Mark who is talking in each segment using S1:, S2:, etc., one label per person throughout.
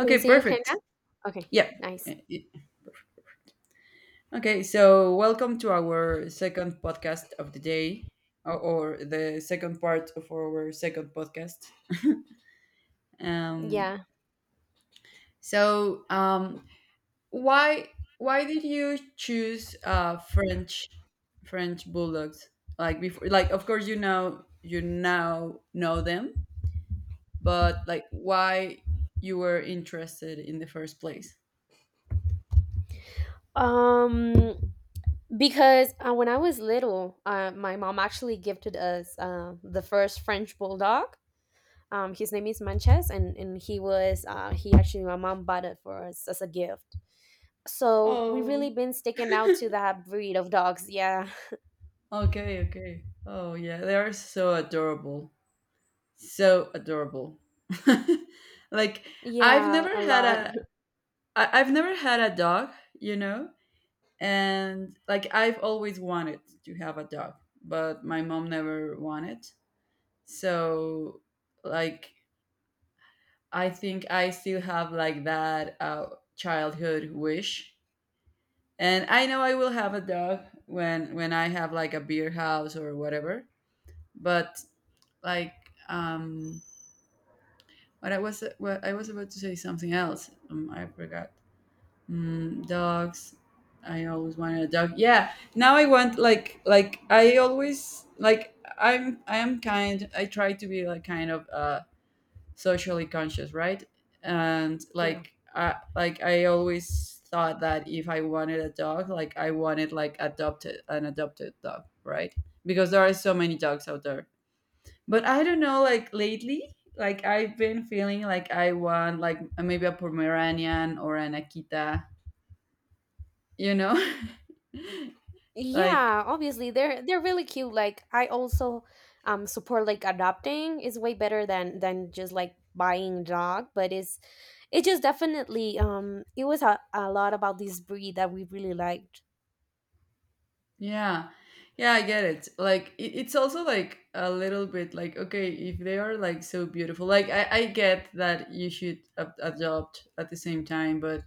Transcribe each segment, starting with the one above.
S1: Can you see okay
S2: perfect.
S1: now? Okay,
S2: Yeah.
S1: nice.
S2: Okay, so welcome to our second podcast of the day, or the second part of our second podcast. Um,
S1: Yeah.
S2: so, um, why why did you choose French French bulldogs? Like before, like of course you now know them, but like why you were interested in the first place?
S1: Um, because when I was little, my mom actually gifted us the first French bulldog. His name is Manches, and he was he actually my mom bought it for us as a gift. So we
S2: Oh.
S1: really been sticking out to that breed of dogs. Yeah,
S2: Okay, okay. Oh yeah, they are so adorable. So adorable. Like I've never
S1: yeah, a
S2: had
S1: lot.
S2: a I've never had a dog, you know? And like I've always wanted to have a dog, but my mom never wanted. So like I think I still have like that childhood wish. And I know I will have a dog when I have like a beer house or whatever. But like um what I was about to say something else I forgot. Mm, dogs, I always wanted a dog. Yeah, now I want like I always like I'm I am kind, I try to be like kind of socially conscious, right? And
S1: Yeah.
S2: like I always thought that if I wanted a dog like I wanted like adopted, an adopted dog, right? Because there are so many dogs out there, but I don't know, like lately, like I've been feeling like I want like maybe a Pomeranian or an Akita, you know? Like,
S1: Yeah, obviously they're really cute. Like I also support, like adopting is way better than just like buying dog, but it just definitely it was a lot about this breed that we really liked.
S2: yeah. Yeah, I get it. Like it, it's also like a little bit like okay, if they are like so beautiful, like I get that you should ab- adopt at the same time, but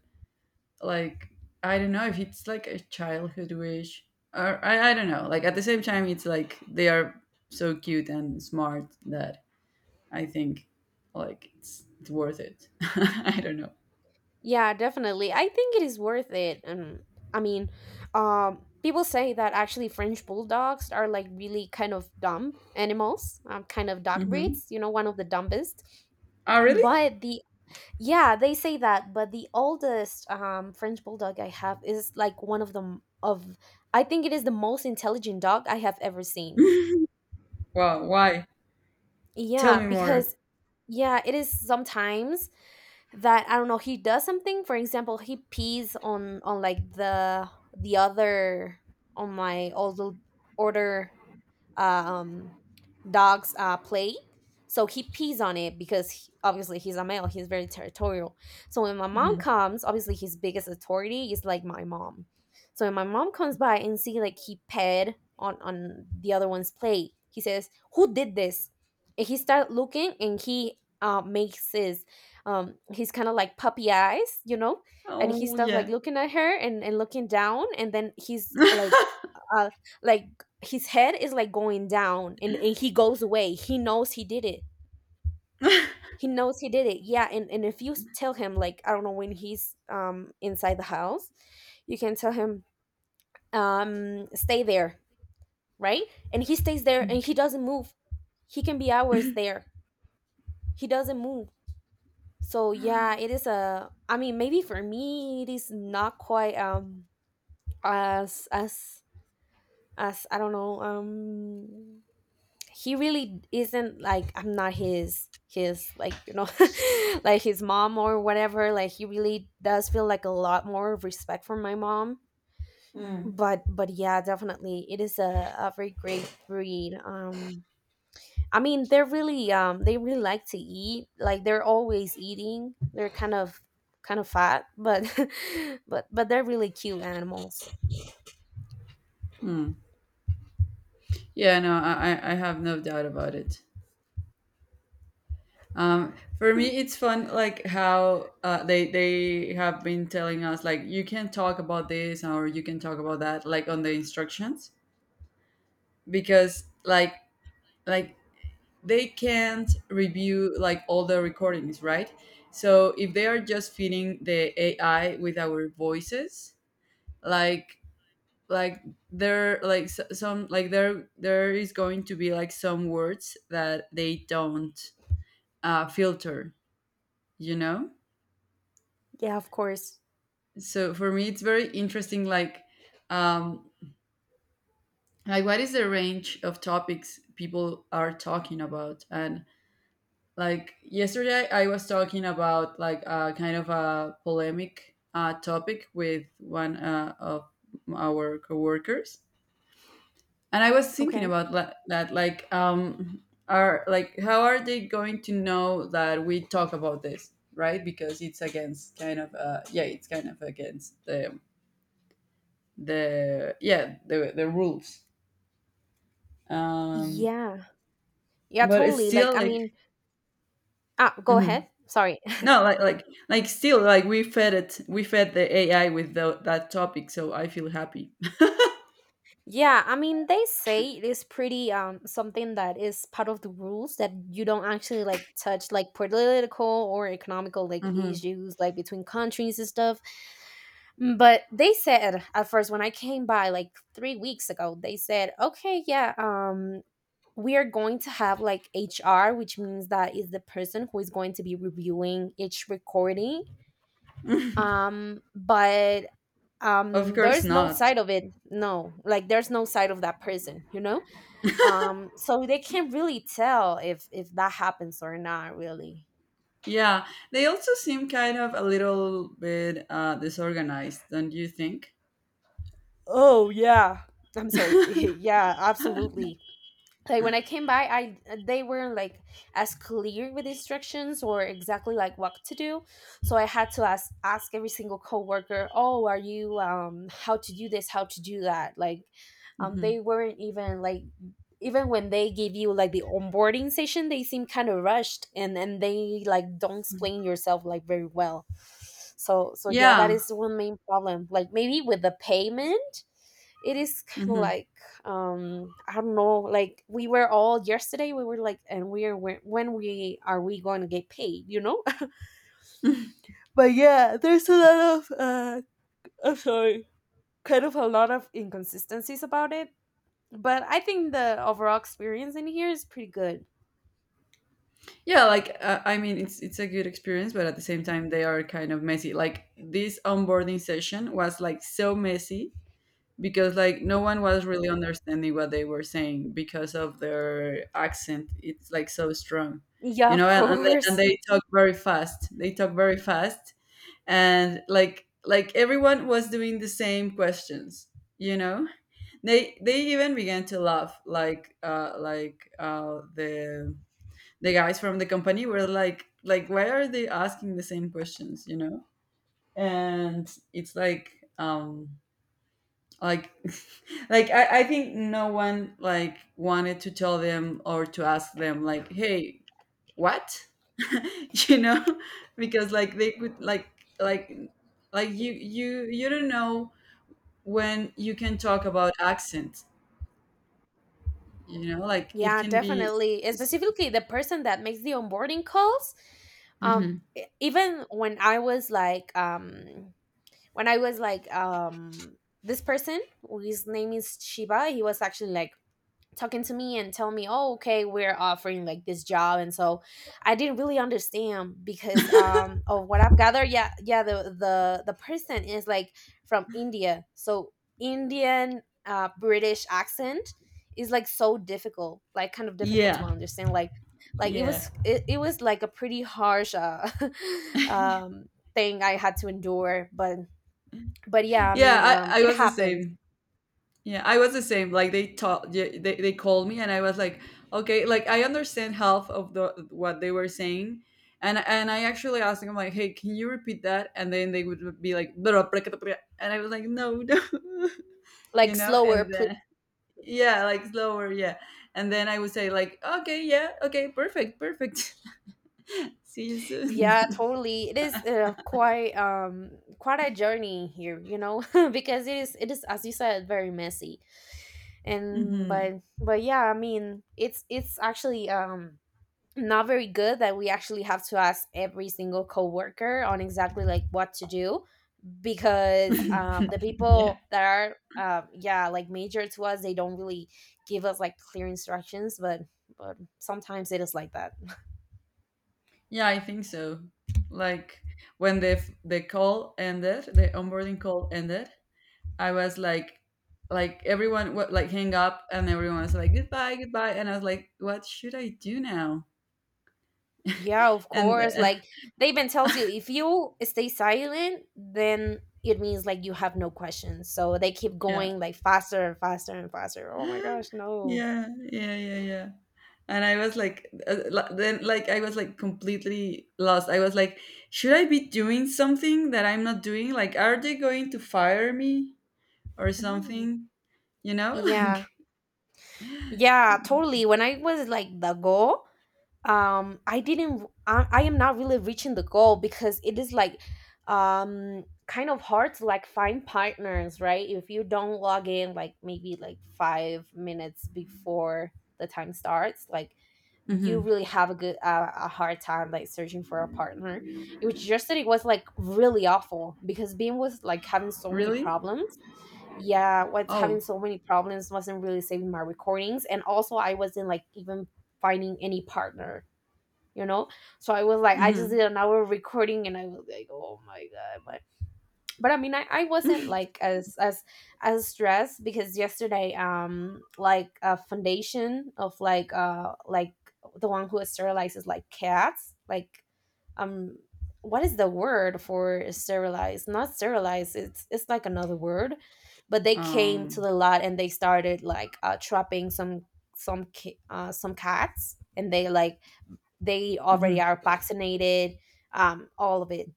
S2: like I don't know if it's like a childhood wish or I don't know. Like at the same time, it's like they are so cute and smart that I think like it's worth it. I don't know.
S1: Yeah, definitely. I think it is worth it. And I mean, people say that actually French bulldogs are like really kind of dumb animals, kind of dog
S2: Hmm.
S1: breeds, you know, one of the dumbest.
S2: Oh, really?
S1: But the Yeah, they say that, but the oldest French bulldog I have is like one of the of, I think it is the most intelligent dog I have ever seen.
S2: Wow. Why? Tell
S1: Yeah,
S2: me more.
S1: because yeah, it is sometimes that I don't know, he does something. For example, he pees on like the other on my old order um, dogs play. So he pees on it because obviously he's a male. He's very territorial. So when my mom
S2: Mhm.
S1: comes, obviously his biggest authority is like my mom. So when my mom comes by and see like he ped on the other one's plate, he says, "Who did this?" And he start looking and he makes his he's kind of like puppy eyes, you know, and he
S2: Oh,
S1: starts like
S2: yeah.
S1: looking at her and looking down, and then he's like uh like his head is like going down, and he goes away. He knows he did it he Knows he did it, yeah. And if you tell him, like I don't know, when he's inside the house, you can tell him, "Stay there," right? And he stays there and he doesn't move. He can be hours there, he doesn't move. So yeah, it is a, I mean, maybe for me it is not quite as as as, I don't know, he really isn't like, I'm not his like, you know, like his mom or whatever. Like he really does feel like a lot more respect for my mom,
S2: Mm.
S1: but yeah, definitely it is a very great breed, I mean they're really they really like to eat, like they're always eating. They're kind of fat, but but they're really cute animals.
S2: Mm. Yeah, no, I I have no doubt about it. For me, it's fun, like how they have been telling us, like you can talk about this or you can talk about that, like on the instructions, because like they can't review like all the recordings, right? So if they are just feeding the AI with our voices, like like there like s- some like there is going to be like some words that they don't filter, you know.
S1: Yeah, of course.
S2: So for me, it's very interesting. Um, like what is the range of topics people are talking about, and like yesterday I was talking about like a kind of a polemic topic with one of our coworkers, and I was thinking
S1: Okay.
S2: about la- that like um, are like how are they going to know that we talk about this, right? Because it's against kind of uh, yeah, it's kind of against the yeah the rules. um
S1: Yeah, yeah,
S2: but it's
S1: totally,
S2: still
S1: like I
S2: like,
S1: mean ah, go ahead,
S2: mhm.
S1: sorry.
S2: No, like still like we fed the AI with tho- that topic, so I feel happy.
S1: Yeah, I mean, they say it is pretty something that is part of the rules that you don't actually like touch like political or economical like
S2: Hmm.
S1: issues like between countries and stuff. Mm, but they said at first when I came by like 3 weeks ago, they said, "Okay, yeah, we are going to have like HR, which means that is the person who is going to be reviewing each recording. Um but
S2: Of
S1: um
S2: course
S1: there's no
S2: not.
S1: side of it." No. Like there's no side of that person, you know? So they can't really tell if that happens or not, really.
S2: Yeah, they also seem kind of a little bit disorganized, don't you think?
S1: Oh yeah, I'm sorry, yeah, absolutely. Like when I came by, I they weren't like as clear with instructions or exactly like what to do, so I had to ask every single coworker, "Oh, are you how to do this, how to do that," like
S2: Hmm.
S1: they weren't even like, even when they give you like the onboarding session, they seem kind of rushed and they like don't explain yourself like very well. So so yeah, that
S2: Yeah,
S1: is one main problem, like maybe with the payment. It is kind of
S2: hmm,
S1: like, I don't know, like we were all yesterday, we were like, "And we are when we are we going to get paid?" You know? But yeah, there's a lot of I'm sorry kind of a lot of inconsistencies about it, but I think the overall experience in here is pretty good.
S2: yeah. Like I mean, it's a good experience, but at the same time, they are kind of messy. Like this onboarding session was like so messy because like no one was really understanding what they were saying because of their accent, it's like so strong,
S1: Yeah,
S2: you
S1: of
S2: know. And they, and
S1: course.
S2: they talk very fast, they talk very fast. And like everyone was doing the same questions, you know. They even began to laugh like the guys from the company were like why are they asking the same questions, you know? And it's like um, like like I think no one like wanted to tell them or to ask them like, hey, what? You know. Because like they could like like you don't know when you can talk about accent, you know, like it
S1: Yeah,
S2: can be.
S1: definitely. Specifically the person that makes the onboarding calls. Um,
S2: Mhm.
S1: Even when I was like, when I was like, this person, whose name is Shiba, he was actually like talking to me and telling me, "Oh, okay, we're offering like this job," and so I didn't really understand because of what I've gathered. Yeah, yeah, the the person is like from India, so Indian British accent is like so difficult, like kind of difficult to
S2: Yeah,
S1: understand. Like,
S2: yeah.
S1: it was like a pretty harsh um thing I had to endure, but yeah, I mean,
S2: yeah I, I
S1: it
S2: was the
S1: happens.
S2: same. Yeah, I was the same. Like they taught, they called me, and I was like, okay, like I understand half of the what they were saying, and I actually asked them like, hey, can you repeat that? And then they would be like, and I was like, no, no, you
S1: Like
S2: know,
S1: slower.
S2: and then yeah, like slower, yeah, and then I would say like, okay, yeah, okay, perfect, perfect. See you soon.
S1: Yeah, totally. It is quite quite a journey here, you know, because it is, as you said, very messy. And
S2: Hmm.
S1: but yeah, I mean, it's actually not very good that we actually have to ask every single coworker on exactly like what to do, because the
S2: Yeah.
S1: people that are yeah, like major to us, they don't really give us like clear instructions, but sometimes it is like that.
S2: Yeah, I think so. Like when the f- the call ended, the onboarding call ended, I was like everyone wa- like hang up, and everyone was like goodbye, goodbye, and I was like, what should I do now?
S1: Yeah, of
S2: And
S1: course. Like they even tells you if you stay silent, then it means like you have no questions. So they keep
S2: yeah,
S1: going like faster and faster and faster. Oh my
S2: yeah,
S1: gosh, no.
S2: yeah, yeah, yeah. And I was like, li- then like I was like completely lost. I was like, should I be doing something that I'm not doing? Like, are they going to fire me or
S1: Mhm.
S2: something? You know,
S1: Yeah.
S2: like.
S1: Yeah, totally. When I was like the go, I didn't I am not really reaching the goal because it is like kind of hard to like find partners, right? If you don't log in like maybe like 5 minutes before the time starts, like you
S2: Mhm.
S1: really have a good a hard time like searching for a partner. It was just that it was like really awful because being was like having so many
S2: Really?
S1: problems, yeah. Was having
S2: Oh.
S1: so many problems, wasn't really saving my recordings, and also I wasn't like even finding any partner, you know? So I was like, I just
S2: Mm-hmm.
S1: did an hour of recording and I was like, "Oh my God, my" but I mean, I wasn't like as stressed, because yesterday like a foundation of like the one who sterilizes like cats, like um what is the word for sterilize, not sterilize, it's like another word, but they came to
S2: Um.
S1: the lot and they started like trapping some some cats, and they like they already
S2: Mhm.
S1: are vaccinated, all of it.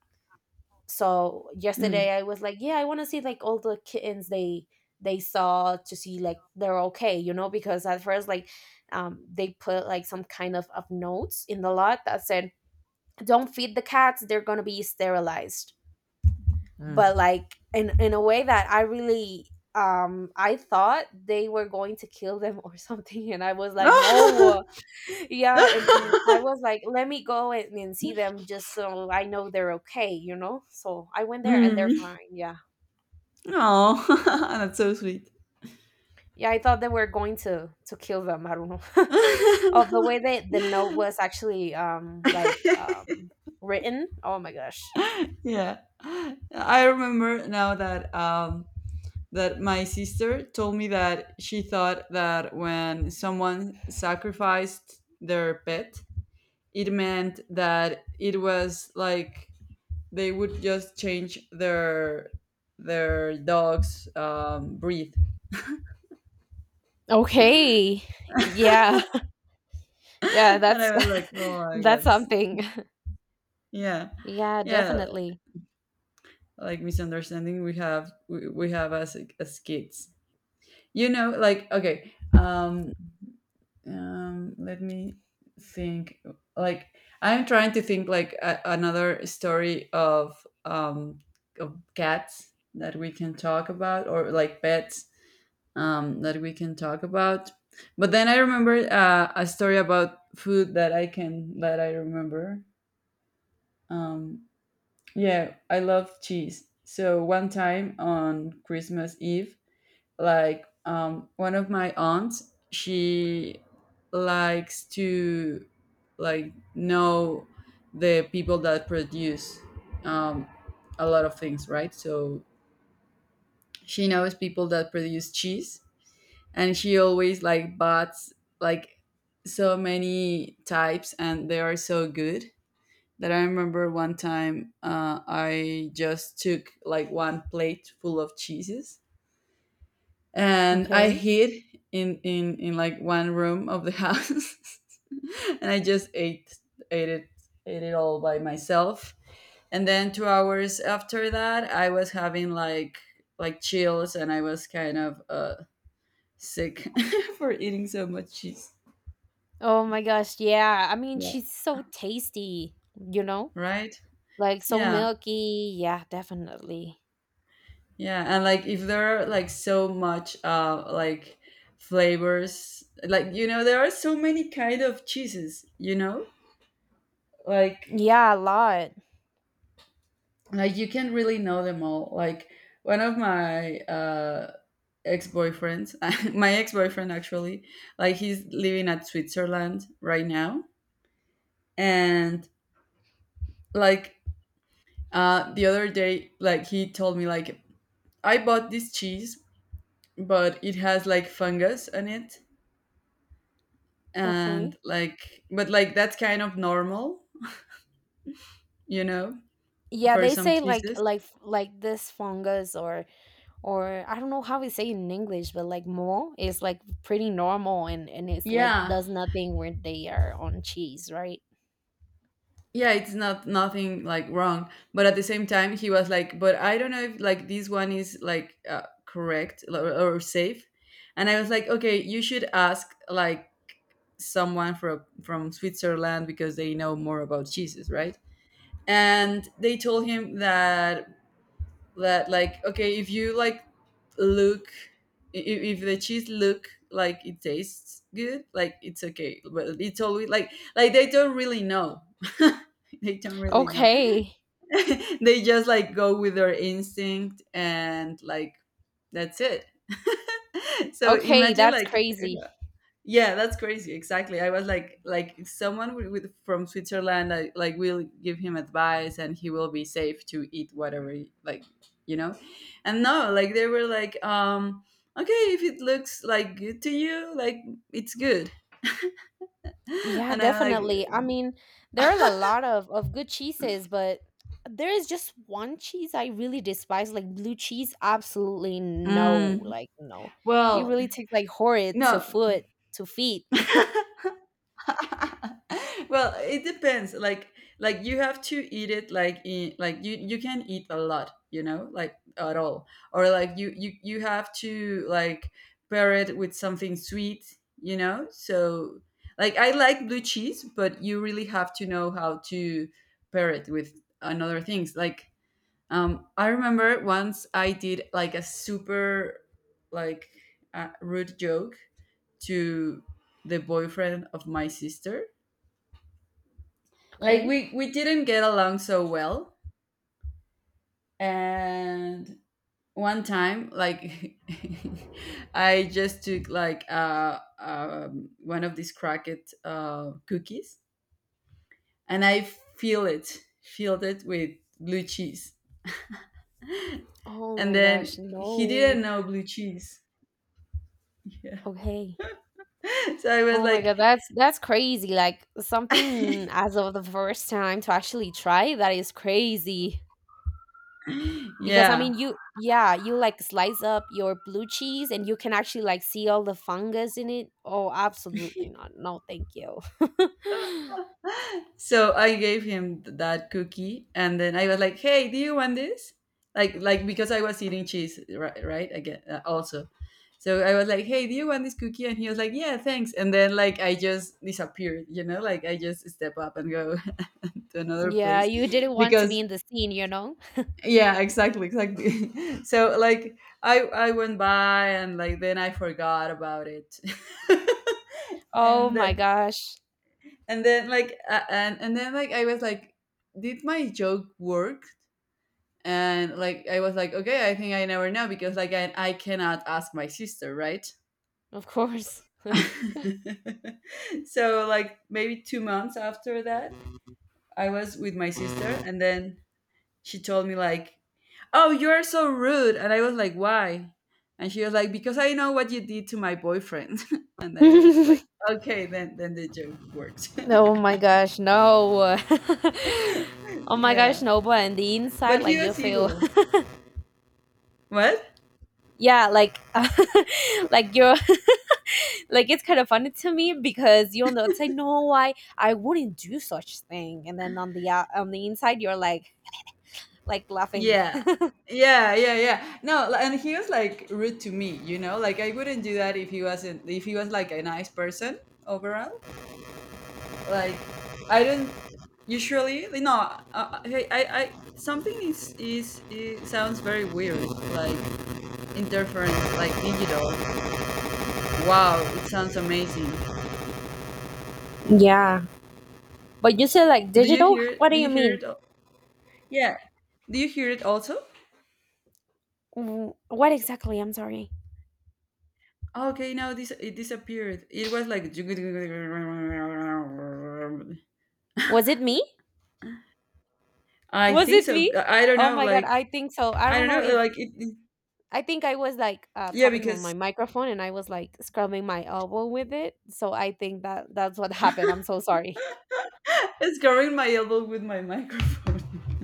S1: So
S2: Mm.
S1: yesterday I was like, "Yeah, I want to see like all the kittens they saw," to see like they're okay, you know, because at first like they put like some kind of notes in the lot that said, "Don't feed the cats, they're gonna be sterilized,"
S2: Mm.
S1: but like in a way that I really I thought they were going to kill them or something, and I was like, "No," yeah. And I was like, let me go and see them just so I know they're okay, you know. So I went there and they're
S2: Mm.
S1: fine, yeah.
S2: Oh, that's so sweet.
S1: Yeah, I thought they were going to kill them, I don't know of the way that the note was actually written, oh my gosh.
S2: Yeah, I remember now that that my sister told me that she thought that when someone sacrificed their pet, it meant that it was like they would just change their dog's breed.
S1: Okay.
S2: And
S1: Yeah. Yeah, that's
S2: I was like, oh my
S1: that's
S2: god,
S1: something.
S2: yeah,
S1: Yeah,
S2: yeah,
S1: definitely.
S2: like misunderstanding we have we have as kids. You know, like okay, let me think. Like I'm trying to think like a, another story of cats that we can talk about or like pets that we can talk about. But then I remember a story about food that I can, that I remember. Um, yeah, I love cheese. So one time on Christmas Eve, like one of my aunts, she likes to like know the people that produce um, a lot of things, right? So she knows people that produce cheese, and she always like bought like so many types, and they are so good that I remember one time I just took like one plate full of cheeses, and I
S1: Okay.
S2: hid in in like one room of the house, and I just ate it, ate it all by myself. And then 2 hours after that I was having like chills, and I was kind of sick for eating so much cheese.
S1: Oh my gosh, yeah. I mean,
S2: Yeah.
S1: she's so tasty, you know?
S2: Right?
S1: Like so
S2: Yeah.
S1: milky. Yeah, definitely.
S2: Yeah. And like if there are like so much uh, like flavors, like you know, there are so many kind of cheeses, you know? Like
S1: Yeah, a lot.
S2: like you can really know them all. Like one of my ex-boyfriends, my ex-boyfriend actually, like he's living at Switzerland right now. And like the other day like he told me like I bought this cheese, but it has like fungus on it. And
S1: Okay.
S2: like, but like that's kind of normal, you know,
S1: Yeah,
S2: for
S1: they
S2: some
S1: say like
S2: cheeses.
S1: this fungus or I don't know how we say it in English, but like mole is like pretty normal, and it's like
S2: Yeah,
S1: does nothing when they are on cheese, right?
S2: yeah, it's not nothing like wrong, but at the same time he was like, but I don't know if like this one is like correct or safe. And I was like okay, you should ask like someone from Switzerland because they know more about cheeses, right? And they told him that that like okay, if you like look, if the cheese look like it tastes good, like it's okay, but it's always like they don't really know they don't really know
S1: Okay.
S2: they just like go with their instinct, and like that's it. So
S1: Okay,
S2: imagine
S1: that's
S2: like
S1: crazy.
S2: yeah, that's crazy. Exactly. I was like if someone with- from Switzerland, I, like will give him advice, and he will be safe to eat whatever, he- like you know. And no, like they were like, okay, if it looks like good to you, like it's good.
S1: Yeah,
S2: And I'm like,
S1: definitely. I mean, there are a lot of good cheeses, but there is just one cheese I really despise, like blue cheese. Absolutely no,
S2: mm,
S1: like no. It
S2: well,
S1: really takes like horrid to
S2: no.
S1: foot to feet.
S2: Well, it depends, like you have to eat it like in like you can eat a lot, you know, like at all, or like you have to like pair it with something sweet, you know. So like I like blue cheese, but you really have to know how to pair it with another things. Like I remember once I did like a super like rude joke to the boyfriend of my sister. Like
S1: Okay.
S2: we didn't get along so well, and one time like I just took like one of these cracked uh, cookies, and I filled it with blue cheese,
S1: Oh
S2: and
S1: my
S2: then
S1: gosh,
S2: he
S1: no.
S2: didn't know blue cheese. Yeah.
S1: Okay.
S2: So I was
S1: Oh my
S2: like,
S1: god, that's crazy. Like something as of the first time to actually try that is crazy. Because I
S2: yeah.
S1: mean you, yeah, you like slice up your blue cheese and you can actually like see all the fungus in it. Oh, absolutely not. No, thank you.
S2: So I gave him th- that cookie, and then I was like, "Hey, do you want this?" Like because I was eating cheese, right? Right again, also. So I was like, "Hey, do you want this cookie?" And he was like, "Yeah, thanks." And then like I just disappeared, you know, like I just step up and go to another
S1: Yeah,
S2: place
S1: you didn't want to
S2: because
S1: be in the scene, you know?
S2: yeah, exactly, exactly. So like I went by and like then I forgot about it.
S1: Oh
S2: And that,
S1: my gosh.
S2: and then like and and then like I was like, did my joke work? And like I was like, okay, I think I never know because like I cannot ask my sister, right?
S1: Of course.
S2: So like maybe 2 months after that, I was with my sister, and then she told me like, "Oh, you're so rude," and I was like, "Why?" And she was like, "Because I know what you did to my boyfriend," and I was like,
S1: Oh
S2: "Okay, then the joke worked."
S1: my gosh, no. Oh my gosh,
S2: Yeah,
S1: no, but on the
S2: but
S1: inside
S2: he
S1: like you
S2: was
S1: feel
S2: evil. What?
S1: yeah, like like you're like it's kind of funny to me, because you on the outside, no, I wouldn't do such thing, and then on the inside you're like laughing.
S2: Yeah. Yeah, yeah, yeah. No, li- and he was like rude to me, you know? Like I wouldn't do that if he wasn't, if he was like a nice person overall. Like I don't usually, no, hey, I something is it sounds very weird, like interference, like digital. Wow, it sounds amazing.
S1: Yeah. But you said like
S2: Do you
S1: digital,
S2: hear it?
S1: what do
S2: Do you
S1: you
S2: hear
S1: mean?
S2: it? Al- yeah. Do you hear it also?
S1: What exactly, I'm sorry?
S2: Okay, now this it disappeared. It was like
S1: Was it me?
S2: I
S1: Was
S2: think
S1: it me?
S2: so. I don't
S1: Oh
S2: know,
S1: my god,
S2: like
S1: I think so. I
S2: I
S1: don't
S2: don't
S1: know
S2: know,
S1: if,
S2: like it
S1: I think I was like
S2: yeah,
S1: tapping on my
S2: because
S1: microphone and I was like scrubbing my elbow with it, so I think that that's what happened, I'm so sorry.
S2: it's covering my elbow with my microphone.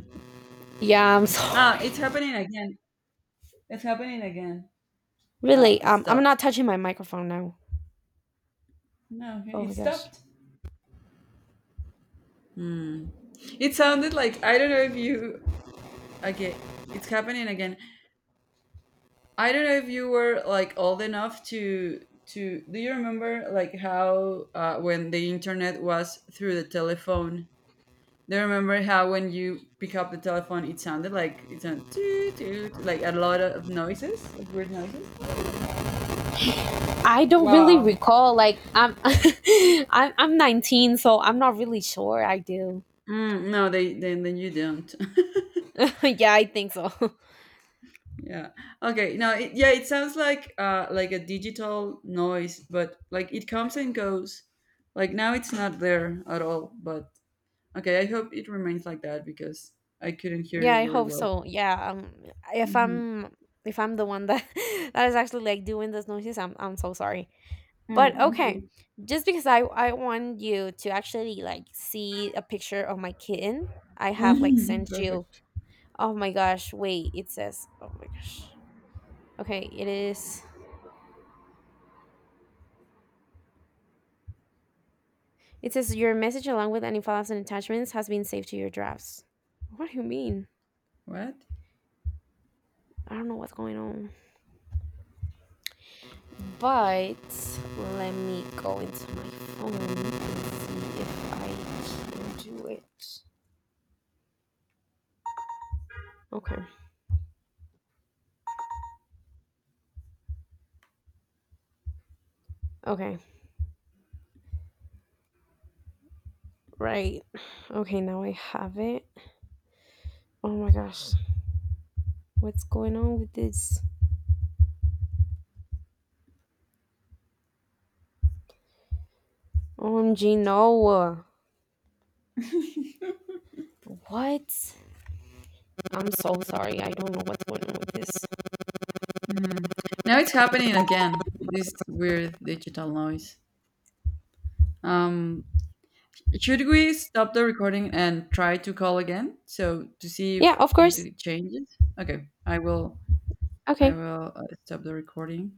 S1: Yeah, I'm
S2: Ah,
S1: sorry.
S2: it's happening again. It's happening again. Ah,
S1: Really,
S2: it
S1: I'm
S2: stopped.
S1: not touching my microphone now.
S2: No,
S1: Oh
S2: it
S1: my gosh.
S2: stopped. Hmm. It sounded like I don't know if you okay, it's happening again. I don't know if you were like old enough to do you remember like how when the internet was through the telephone. Do you remember how when you pick up the telephone, it sounded like it sounded toot, toot, like a lot of noises, of weird noises?
S1: I don't really
S2: Wow.
S1: recall. Like I'm, I'm 19, so I'm not really sure. I do.
S2: Mm, no, they then you don't.
S1: Yeah, I think so.
S2: Yeah. Okay. No. It, yeah. It sounds like uh, like a digital noise, but like it comes and goes. Like now it's not there at all. But okay. I hope it remains like that because I couldn't hear
S1: Yeah,
S2: you
S1: I
S2: very
S1: hope
S2: well.
S1: so. Yeah, if
S2: Mm-hmm.
S1: I'm, if I'm the one that that is actually like doing those noises, I'm so sorry. But okay, just because I want you to actually like see a picture of my kitten, I have like
S2: Mm-hmm.
S1: sent you.
S2: Perfect.
S1: Oh my gosh! Wait, it says. Oh my gosh. Okay, it is. It says your message along with any files and attachments has been saved to your drafts. What do you mean?
S2: What?
S1: I don't know what's going on. But let me go into my phone and see if I can do it. Okay. Okay. Right. Okay, now I have it. Oh my gosh. What's going on with this? OMG, no. What? I'm so sorry. I don't know what's going on with this.
S2: Now it's happening again, this weird digital noise. Um, should we stop the recording and try to call again? So to see
S1: Yeah,
S2: if
S1: of course.
S2: it changes? Okay, I
S1: Okay.
S2: will stop the recording.